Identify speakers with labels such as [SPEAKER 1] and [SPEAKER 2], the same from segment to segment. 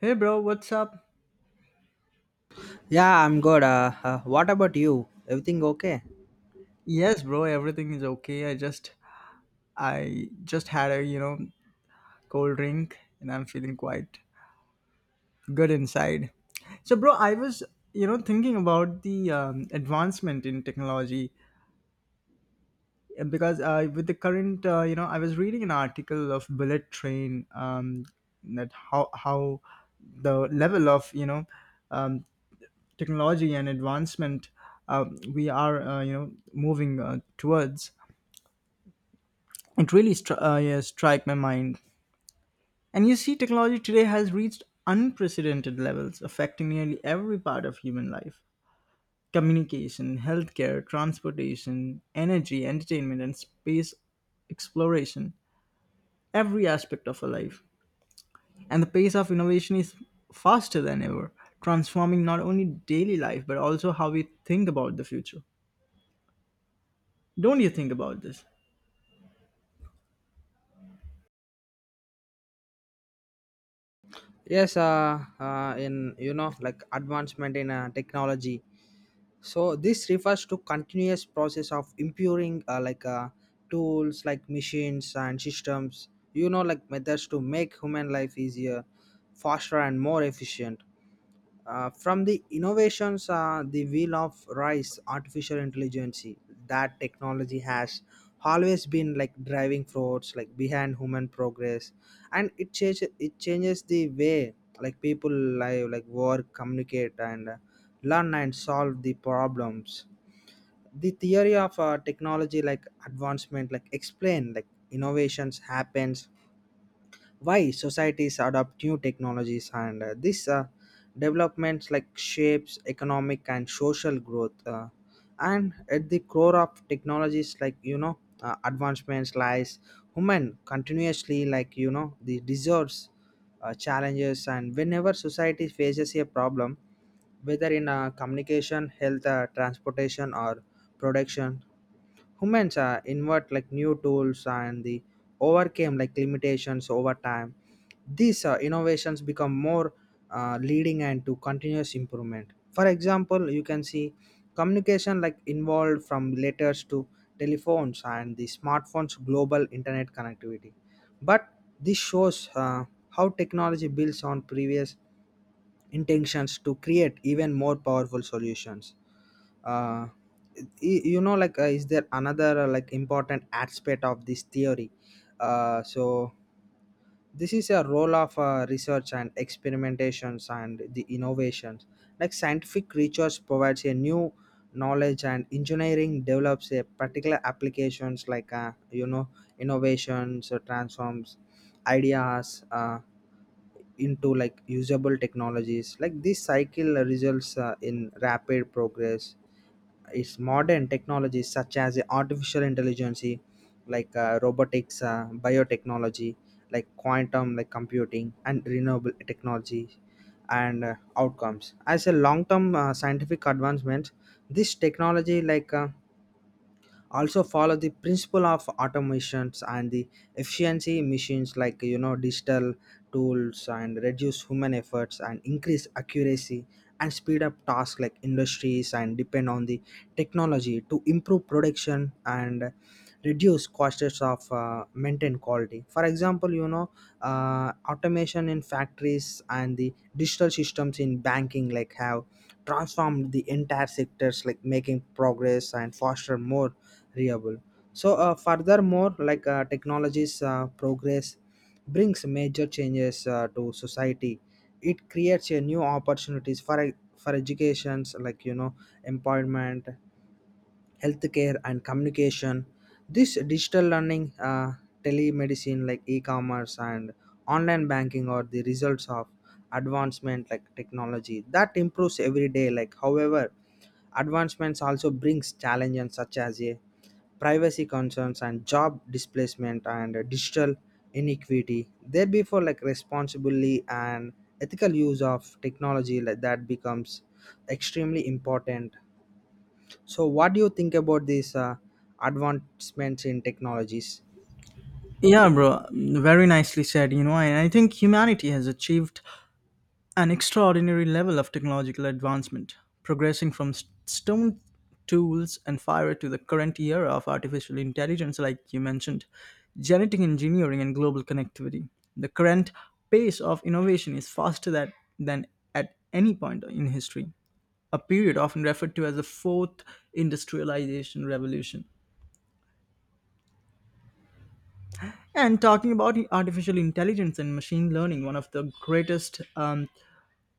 [SPEAKER 1] Hey bro, what's up?
[SPEAKER 2] Yeah, I'm good. What about you? Everything okay?
[SPEAKER 1] Yes, bro, everything is okay. I just had a cold drink and I'm feeling quite good inside. So bro, I was thinking about the advancement in technology because with the current, I was reading an article of bullet train that how the level of, um, technology and advancement we are, moving towards it really yeah, strike my mind. And you see, technology today has reached unprecedented levels, affecting nearly every part of human life: communication, healthcare, transportation, energy, entertainment, and space exploration. Every aspect of our life. And the pace of innovation is faster than ever, transforming not only daily life but also how we think about the future. Don't you think about this?
[SPEAKER 2] Yes. In, like, advancement in technology. So this refers to continuous process of improving, like, tools like machines and systems, like methods to make human life easier, faster and more efficient. From the innovations, the wheel of rice, artificial intelligence, that technology has always been like driving force, like behind human progress, and it changes the way, like people live, like work, communicate, and learn and solve the problems. The theory of technology, like advancement, like explain, like innovations happens, why societies adopt new technologies, and these developments like shapes economic and social growth, and at the core of technologies, like, advancements lies human continuously, like, the deserves challenges, and whenever society faces a problem, whether in communication, health, transportation or production, humans invent like new tools and the overcame like limitations over time. These innovations become more leading and to continuous improvement. For example, you can see communication like involved from letters to telephones and the smartphones, global internet connectivity. But this shows how technology builds on previous intentions to create even more powerful solutions. Uh, is there another like important aspect of this theory? So this is a role of research and experimentations and the innovations. Like scientific research provides a new knowledge, and engineering develops a particular applications, like innovations transforms ideas into like usable technologies. Like this cycle results in rapid progress. It's modern technologies such as artificial intelligence, like robotics, biotechnology, like quantum like computing and renewable technology, and outcomes as a long term scientific advancement. This technology, like also follow the principle of automations and the efficiency. Machines, like, digital tools and reduce human efforts and increase accuracy and speed up tasks. Like industries and depend on the technology to improve production and reduce costs of, maintain quality. For example, automation in factories and the digital systems in banking like have transformed the entire sectors, like making progress and foster more reliable. So furthermore, like technology's progress brings major changes to society. It creates a new opportunities for for educations, like, employment, healthcare and communication. This digital learning, telemedicine, like e-commerce and online banking are the results of advancement, like technology that improves every day. Like, however, advancements also brings challenges such as a privacy concerns and job displacement and digital inequity. There before, like responsibly and ethical use of technology like that becomes extremely important. So what do you think about these advancements in technologies?
[SPEAKER 1] Yeah, bro. Very nicely said. You know, and I think humanity has achieved an extraordinary level of technological advancement, progressing from stone tools and fire to the current era of artificial intelligence, like you mentioned, genetic engineering, and global connectivity. The current pace of innovation is faster than at any point in history, a period often referred to as the fourth industrialization revolution. And talking about artificial intelligence and machine learning, one of the greatest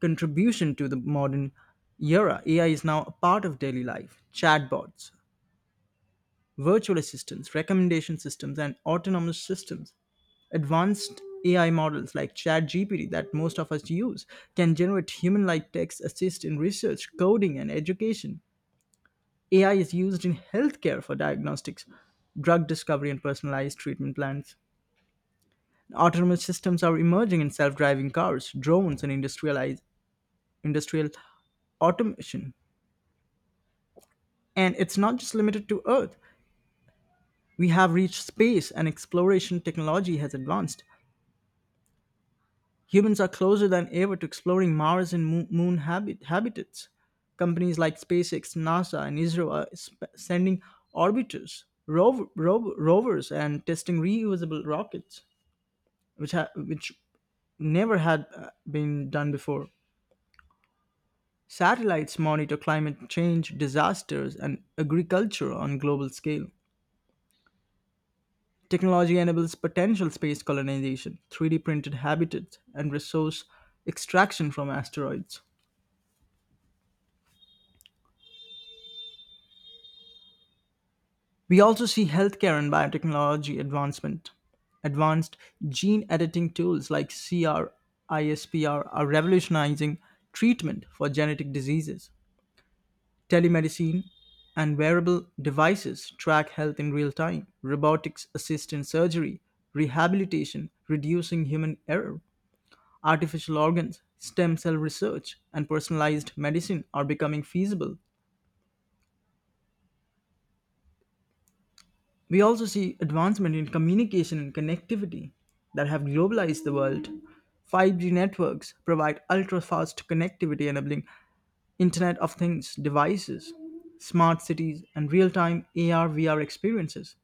[SPEAKER 1] contribution to the modern era, AI is now a part of daily life: chatbots, virtual assistants, recommendation systems, and autonomous systems. Advanced AI models like ChatGPT that most of us use can generate human like text, assist in research, coding, and education. AI is used in healthcare for diagnostics, drug discovery, and personalized treatment plans. Autonomous systems are emerging in self driving cars, drones, and industrial automation. And it's not just limited to Earth. We have reached space and exploration technology has advanced. Humans are closer than ever to exploring Mars and moon habitats. Companies like SpaceX, NASA, and ISRO are sending orbiters, rovers, and testing reusable rockets, which, which never had been done before. Satellites monitor climate change, disasters, and agriculture on global scale. Technology enables potential space colonization, 3D printed habitats, and resource extraction from asteroids. We also see healthcare and biotechnology advancement. Advanced gene editing tools like CRISPR are revolutionizing treatment for genetic diseases. Telemedicine and wearable devices track health in real time. Robotics assist in surgery, rehabilitation, reducing human error. Artificial organs, stem cell research, and personalized medicine are becoming feasible. We also see advancement in communication and connectivity that have globalized the world. 5G networks provide ultra fast connectivity, enabling Internet of Things devices, smart cities, and real time AR VR experiences.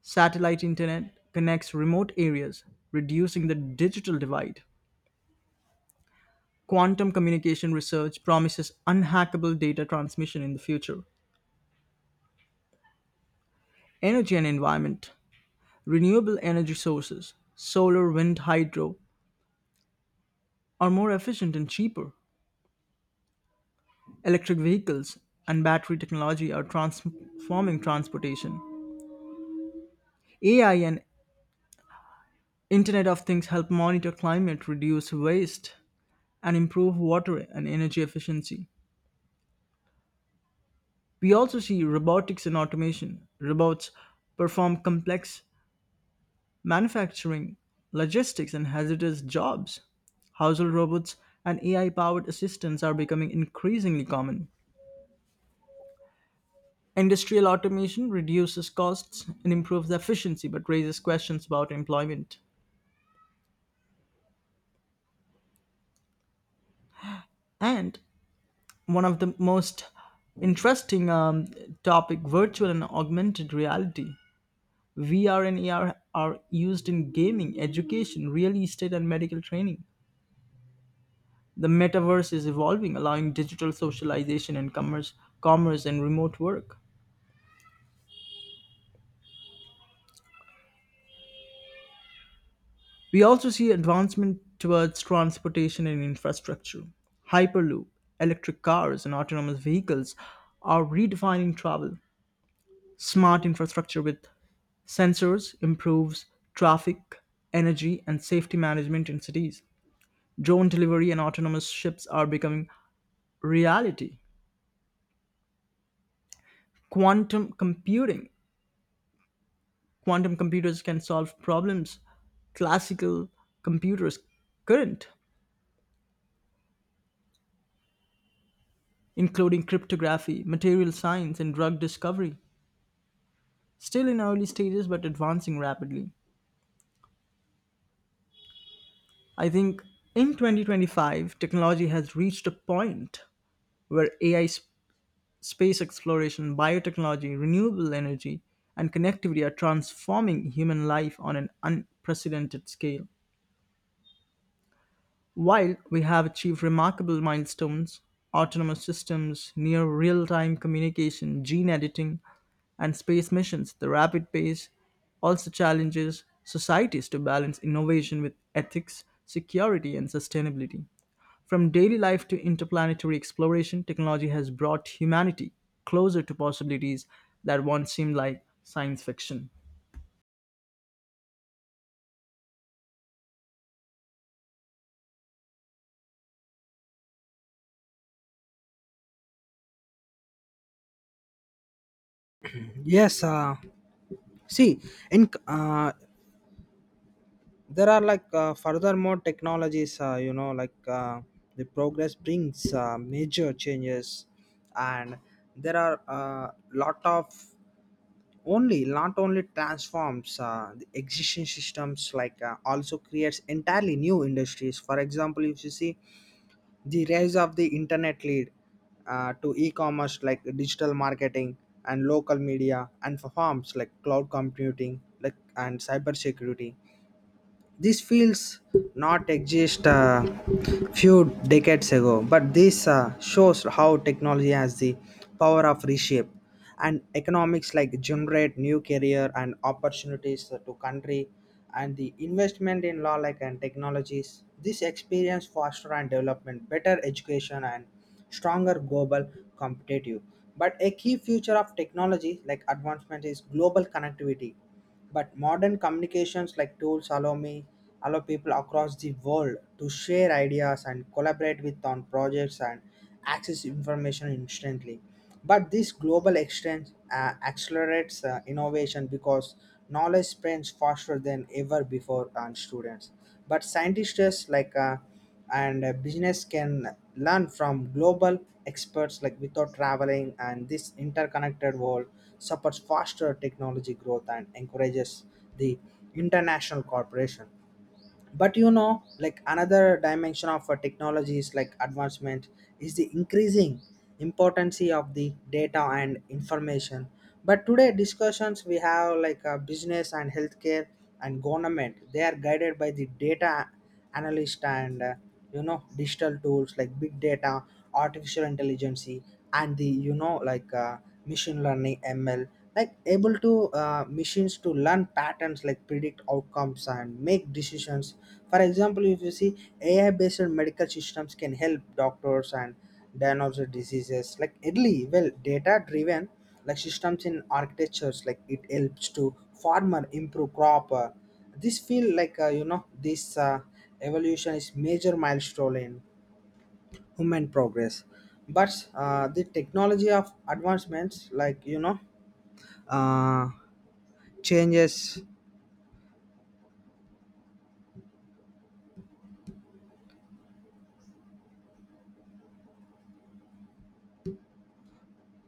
[SPEAKER 1] Satellite internet connects remote areas, reducing the digital divide. Quantum communication research promises unhackable data transmission in the future. Energy and environment. Renewable energy sources, solar, wind, hydro, are more efficient and cheaper. Electric vehicles and battery technology are transforming transportation. AI and Internet of Things help monitor climate, reduce waste, and improve water and energy efficiency. We also see robotics and automation. Robots perform complex manufacturing, logistics, and hazardous jobs. Household robots and AI-powered assistants are becoming increasingly common. Industrial automation reduces costs and improves efficiency but raises questions about employment. And one of the most interesting topic, virtual and augmented reality. VR and AR are used in gaming, education, real estate, and medical training. The metaverse is evolving, allowing digital socialization and commerce and remote work. We also see advancement towards transportation and infrastructure. Hyperloop, electric cars, and autonomous vehicles are redefining travel. Smart infrastructure with sensors improves traffic, energy, and safety management in cities. Drone delivery and autonomous ships are becoming reality. Quantum computing. Quantum computers can solve problems classical computers couldn't, including cryptography, material science, and drug discovery. Still in early stages, but advancing rapidly. I think in 2025, technology has reached a point where AI, space exploration, biotechnology, renewable energy, and connectivity are transforming human life on an unprecedented scale. While we have achieved remarkable milestones, autonomous systems, near real time communication, gene editing, and space missions, the rapid pace also challenges societies to balance innovation with ethics, security, and sustainability. From daily life to interplanetary exploration, technology has brought humanity closer to possibilities that once seemed like science fiction.
[SPEAKER 2] Yes, see, in there are, like furthermore technologies, the progress brings major changes, and there are a lot of, only not only transforms the existing systems, like also creates entirely new industries. For example, if you see, the rise of the internet lead to e-commerce, like digital marketing and local media and for firms like cloud computing, like, and cyber security. These fields not exist few decades ago, but this shows how technology has the power of reshape and economics, like generate new career and opportunities to country and the investment in law, like and technologies. This experience foster and development, better education and stronger global competitive. But a key feature of technology like advancement is global connectivity. But modern communications, like tools, allow people across the world to share ideas and collaborate with on projects and access information instantly. But this global exchange accelerates innovation because knowledge spreads faster than ever before on students. But scientists, like and business can learn from global experts, like without traveling, and this interconnected world supports faster technology growth and encourages the international cooperation. But, like, another dimension of technologies like advancement is the increasing importance of the data and information. But today, discussions we have like business and healthcare and government, they are guided by the data analyst, and digital tools, like big data, artificial intelligence, and the, machine learning ML, like able to machines to learn patterns, like predict outcomes and make decisions. For example, if you see, AI based medical systems can help doctors and diagnose diseases like early well data driven like systems in architectures like it helps to farmer improve crop. Uh, this feel like, this evolution is major milestone in human progress. But the technology of advancements, like, uh, changes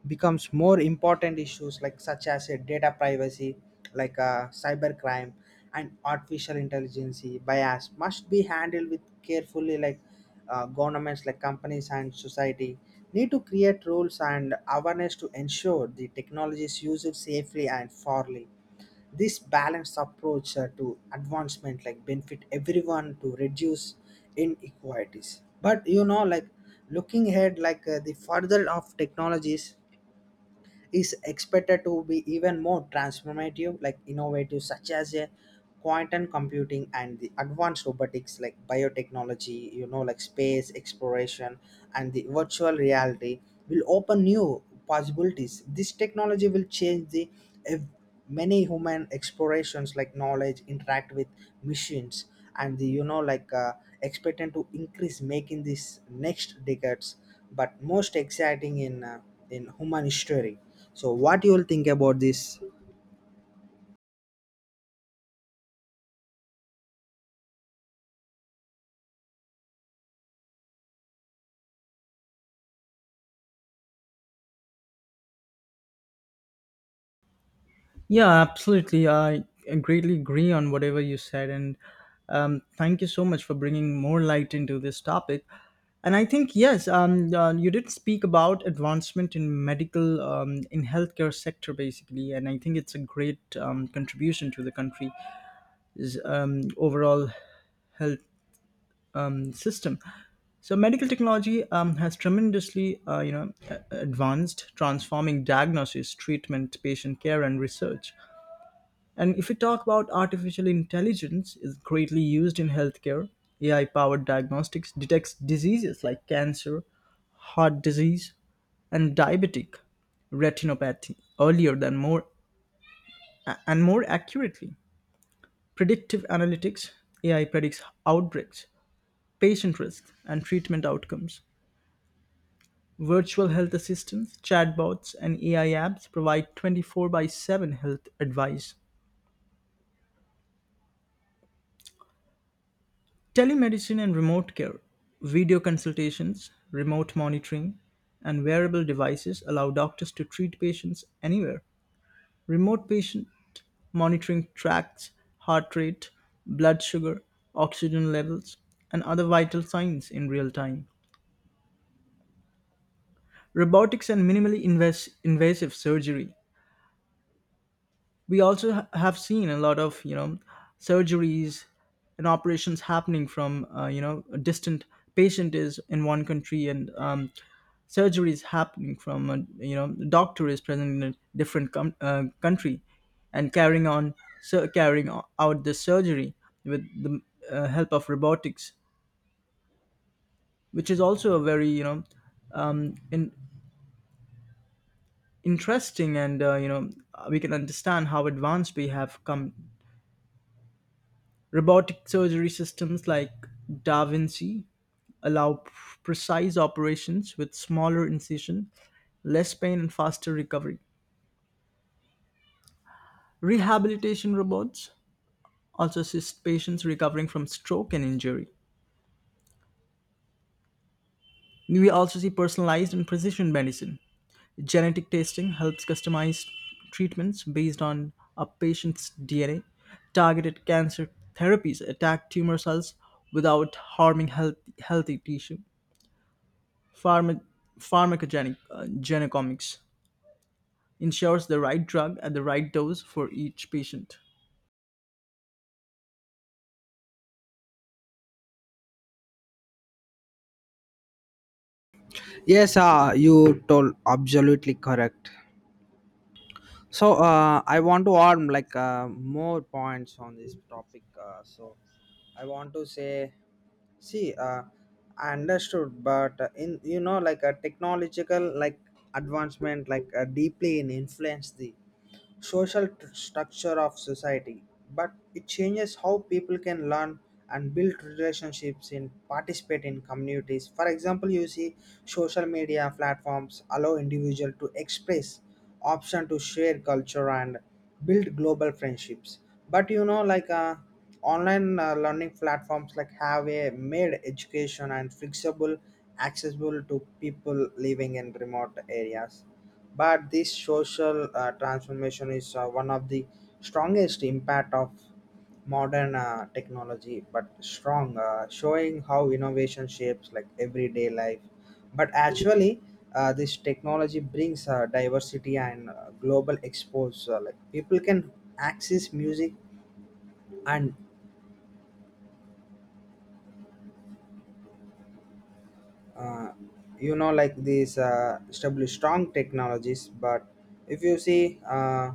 [SPEAKER 2] becomes more important issues, like such as data privacy, like cybercrime and artificial intelligence bias must be handled with carefully. Like governments, like companies and society need to create rules and awareness to ensure the technology is used safely and fairly. This balanced approach to advancement like benefit everyone to reduce inequalities. But, like, looking ahead, like the further of technologies is expected to be even more transformative, like innovative, such as a quantum computing and the advanced robotics, like biotechnology, like space exploration and the virtual reality will open new possibilities. This technology will change the ev- many human explorations, like knowledge interact with machines, and the, expected to increase, making this next decades but most exciting in human history. So what you will think about this?
[SPEAKER 1] Yeah, absolutely. I greatly agree on whatever you said. And thank you so much for bringing more light into this topic. And I think, yes, you did speak about advancement in medical, in healthcare sector, basically. And I think it's a great contribution to the country's overall health system. So medical technology has tremendously, advanced, transforming diagnosis, treatment, patient care, and research. And if we talk about artificial intelligence, is greatly used in healthcare. AI-powered diagnostics detects diseases like cancer, heart disease, and diabetic retinopathy earlier than more and more accurately. Predictive analytics, AI predicts outbreaks, patient risks, and treatment outcomes. Virtual health assistants, chatbots, and AI apps provide 24 by 7 health advice. Telemedicine and remote care, video consultations, remote monitoring, and wearable devices allow doctors to treat patients anywhere. Remote patient monitoring tracks heart rate, blood sugar, oxygen levels, and other vital signs in real time. Robotics and minimally invasive surgery, we also have seen a lot of surgeries and operations happening from a distant patient is in one country, and surgery is happening from a, the doctor is present in a different country, and carrying on, so carrying out the surgery with the help of robotics, which is also a very, um, in, interesting, and we can understand how advanced we have come. Robotic surgery systems like Da Vinci allow precise operations with smaller incision, less pain, and faster recovery. Rehabilitation robots also assist patients recovering from stroke and injury. We also see personalized and precision medicine. Genetic testing helps customize treatments based on a patient's DNA. Targeted cancer therapies attack tumor cells without harming healthy tissue. Pharma- pharmacogenic genomics ensures the right drug at the right dose for each patient.
[SPEAKER 2] Yes, you told absolutely correct. So I want to add, like more points on this topic. So I want to say, see, I understood, but in, like a technological, like advancement, like deeply in influence the social structure of society, but it changes how people can learn and build relationships and participate in communities. For example, you see social media platforms allow individual to express option to share culture and build global friendships. But, online learning platforms like have a made education and flexible accessible to people living in remote areas, but this social transformation is one of the strongest impact of modern technology, but strong, showing how innovation shapes like everyday life. But actually, this technology brings diversity and global exposure. Like people can access music and uh, like these established strong technologies. But if you see.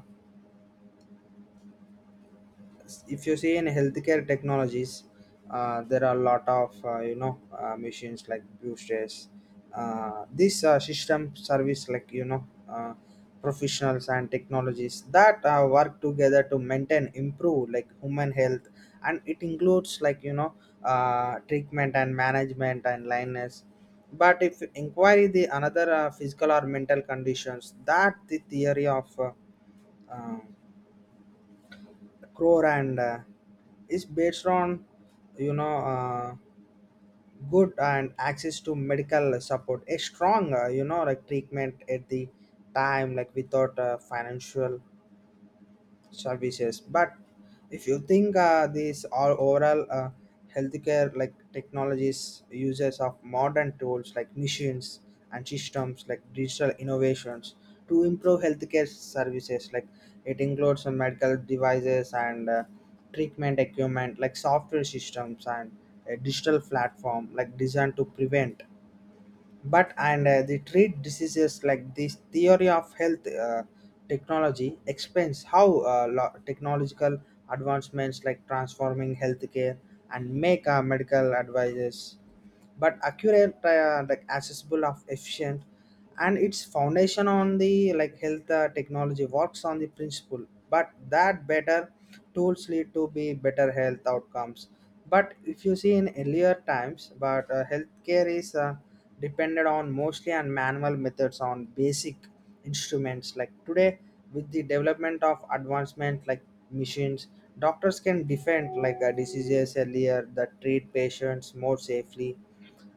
[SPEAKER 2] If you see in healthcare technologies, there are a lot of machines like boosters. This system service, like, professionals and technologies that work together to maintain improve like human health, and it includes, like, treatment and management and lineness, but if inquiry the another physical or mental conditions that the theory of uh, the Crow and is based on, you know uh, good and access to medical support a strong, like treatment at the time, like without financial services. But if you think these all overall, healthcare, like technologies uses of modern tools like machines and systems like digital innovations to improve healthcare services. Like it includes some medical devices and treatment equipment, like software systems and a digital platform like designed to prevent, but, and they treat diseases. Like this theory of health technology explains how technological advancements like transforming healthcare and make medical advices, but accurate, like accessible, of efficient, and its foundation on the, like health technology works on the principle. But that better tools lead to be better health outcomes. But if you see in earlier times, but healthcare is depended on mostly on manual methods on basic instruments. Like today, with the development of advancement, like machines, doctors can defend like diseases earlier, that treat patients more safely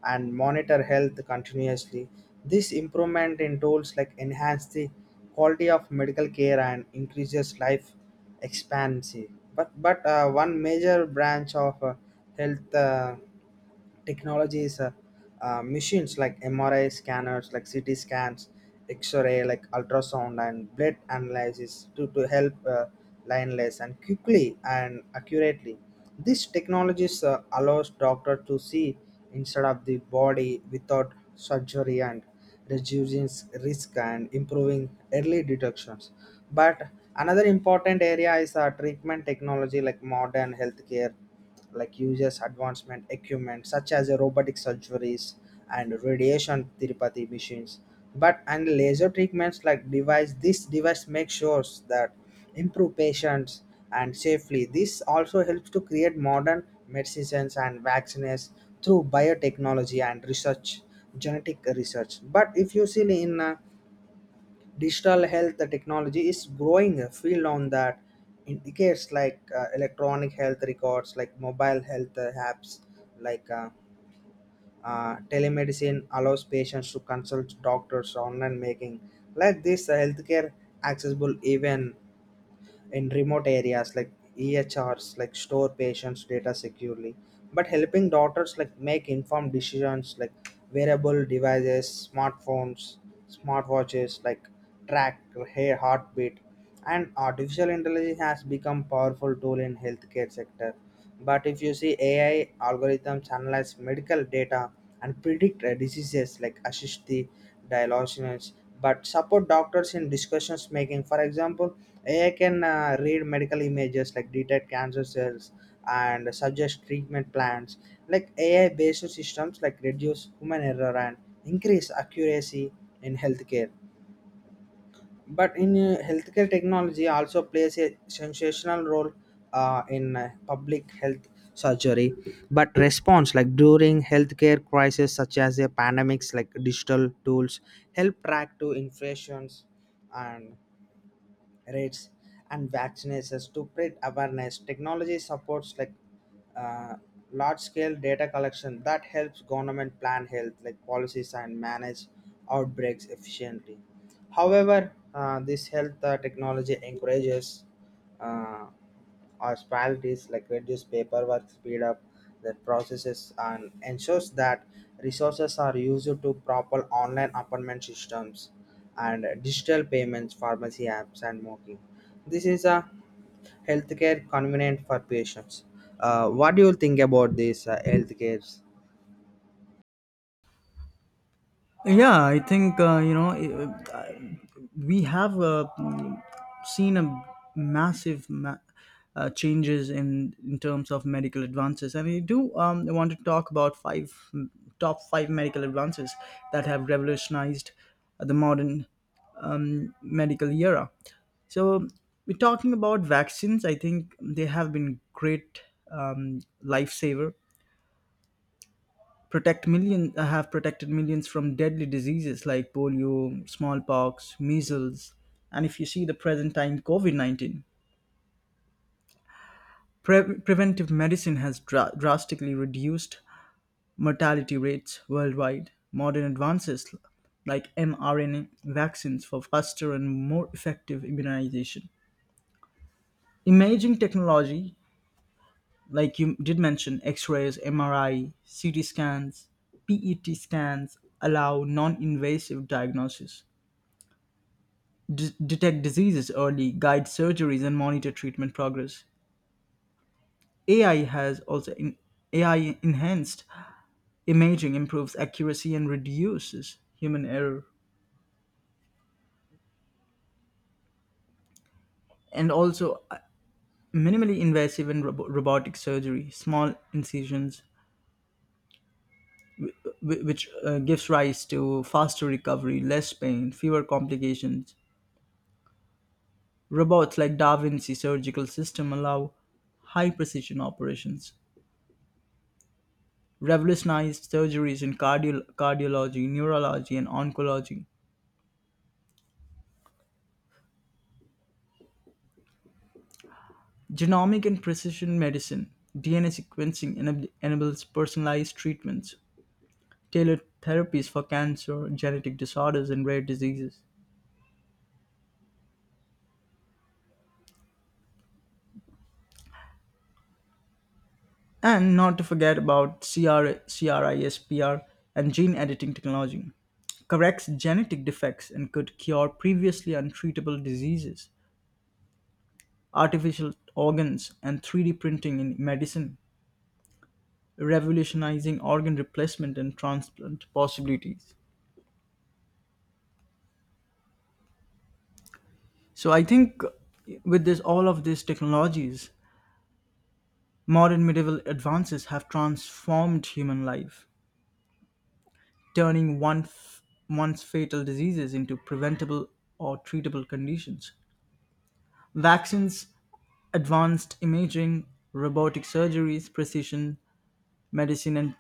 [SPEAKER 2] and monitor health continuously. This improvement in tools like enhance the quality of medical care and increases life expectancy. But one major branch of health. Technologies, machines like MRI scanners, like CT scans, X-ray, like ultrasound, and blood analysis to help lionless and quickly and accurately. These technologies allows doctor to see instead of the body without surgery, and reducing risk and improving early detections. But another important area is treatment technology, like modern healthcare like uses advancement equipment such as robotic surgeries and radiation therapy machines, but and laser treatments, like device. This device makes sure that improve patients and safely. This also helps to create modern medicines and vaccines through biotechnology and research, genetic research. But if you see in digital health technology is growing a field on that indicates, like electronic health records, like mobile health apps, like telemedicine allows patients to consult doctors online, making like this healthcare accessible even in remote areas. Like, EHRs like store patients' data securely, but helping doctors like make informed decisions, like wearable devices, smartphones, smartwatches like track hair heartbeat, and artificial intelligence has become powerful tool in healthcare sector. But if you see, AI algorithms analyze medical data and predict diseases, like assist the diagnosis, but support doctors in discussions making. For example, AI can read medical images, like detect cancer cells and suggest treatment plans. Like AI-based systems, like reduce human error and increase accuracy in healthcare. But in healthcare technology also plays a sensational role in public health surgery. But response, like during healthcare crisis such as a pandemics, like digital tools help track to infections and rates and vaccinations to spread awareness. Technology supports, like uh, large scale data collection that helps government plan health, like policies and manage outbreaks efficiently. However, this health technology encourages uh, municipalities, like reduce paperwork, speed up the processes, and ensures that resources are used to proper online appointment systems and digital payments, pharmacy apps, and marketing. This is a healthcare convenient for patients. What do you think about this healthcare?
[SPEAKER 1] Yeah, I think we have seen a massive changes in terms of medical advances, and I do want to talk about five top five medical advances that have revolutionized the modern medical era. So we're talking about vaccines. I think they have been great lifesaver. Protect million have protected millions from deadly diseases like polio, smallpox, measles, and if you see the present time, COVID-19. Preventive medicine has drastically reduced mortality rates worldwide. Modern advances like mRNA vaccines for faster and more effective immunization. Imaging technology, like you did mention, x rays, MRI, CT scans, PET scans allow non invasive diagnosis, detect diseases early, guide surgeries, and monitor treatment progress. AI has also in- AI enhanced imaging improves accuracy and reduces human error. And also, minimally invasive and robotic surgery, small incisions, which gives rise to faster recovery, less pain, fewer complications. Robots like Da Vinci surgical system allow high precision operations, revolutionized surgeries in cardiology, neurology, and oncology. Genomic and precision medicine, DNA sequencing enables personalized treatments, tailored therapies for cancer, genetic disorders, and rare diseases. And not to forget about CRISPR and gene editing technology, corrects genetic defects and could cure previously untreatable diseases. Artificial organs, and 3D printing in medicine, revolutionizing organ replacement and transplant possibilities. So I think with this all of these technologies, modern medieval advances have transformed human life, turning once fatal diseases into preventable or treatable conditions. Vaccines, advanced imaging, robotic surgeries, precision medicine, and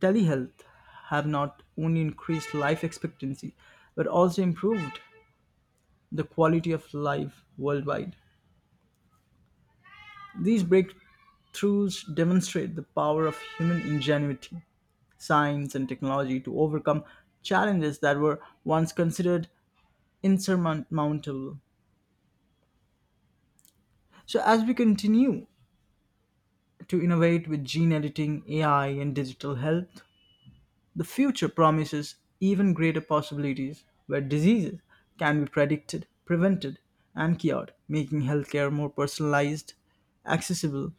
[SPEAKER 1] telehealth have not only increased life expectancy but also improved the quality of life worldwide. These breakthroughs demonstrate the power of human ingenuity, science, and technology to overcome challenges that were once considered insurmountable. So, as we continue to innovate with gene editing, AI, and digital health, the future promises even greater possibilities where diseases can be predicted, prevented, and cured, making healthcare more personalized, accessible,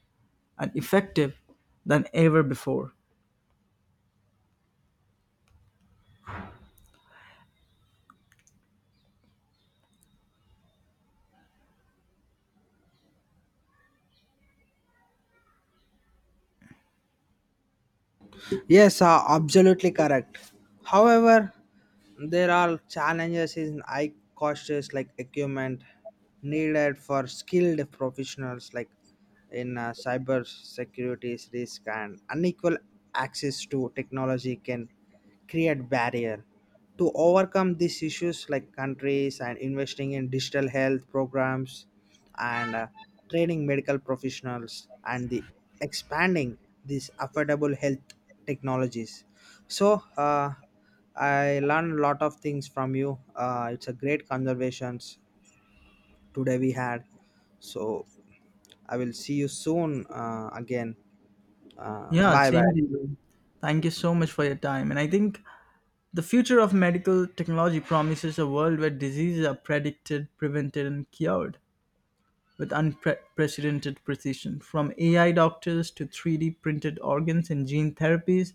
[SPEAKER 1] and effective than ever before.
[SPEAKER 2] Yes, absolutely correct. However, there are challenges in high costs like equipment needed for skilled professionals, like in cyber security risk and unequal access to technology can create barrier. To overcome these issues, like countries and investing in digital health programs and training medical professionals and the expanding these affordable health technologies. So I learned a lot of things from you. It's a great conversations today we had. So I will see you soon again.
[SPEAKER 1] Yeah,
[SPEAKER 2] Bye
[SPEAKER 1] same
[SPEAKER 2] bye.
[SPEAKER 1] to you. Thank you so much for your time. And I think the future of medical technology promises a world where diseases are predicted, prevented, and cured, with unprecedented precision. From AI doctors to 3D printed organs and gene therapies,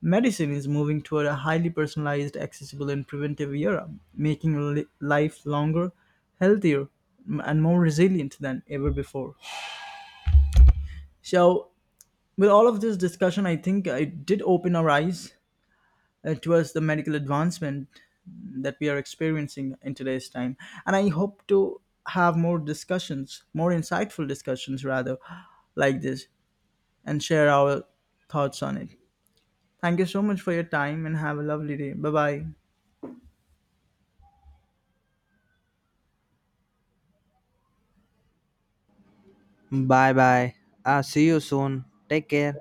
[SPEAKER 1] medicine is moving toward a highly personalized, accessible, and preventive era, making life longer, healthier, and more resilient than ever before. So, with all of this discussion, I think it did open our eyes. It was the medical advancement that we are experiencing in today's time. And I hope to have more discussions, more insightful discussions rather, like this and share our thoughts on it. Thank you so much for your time and have a lovely day. Bye bye.
[SPEAKER 2] Bye bye. See you soon. Take care.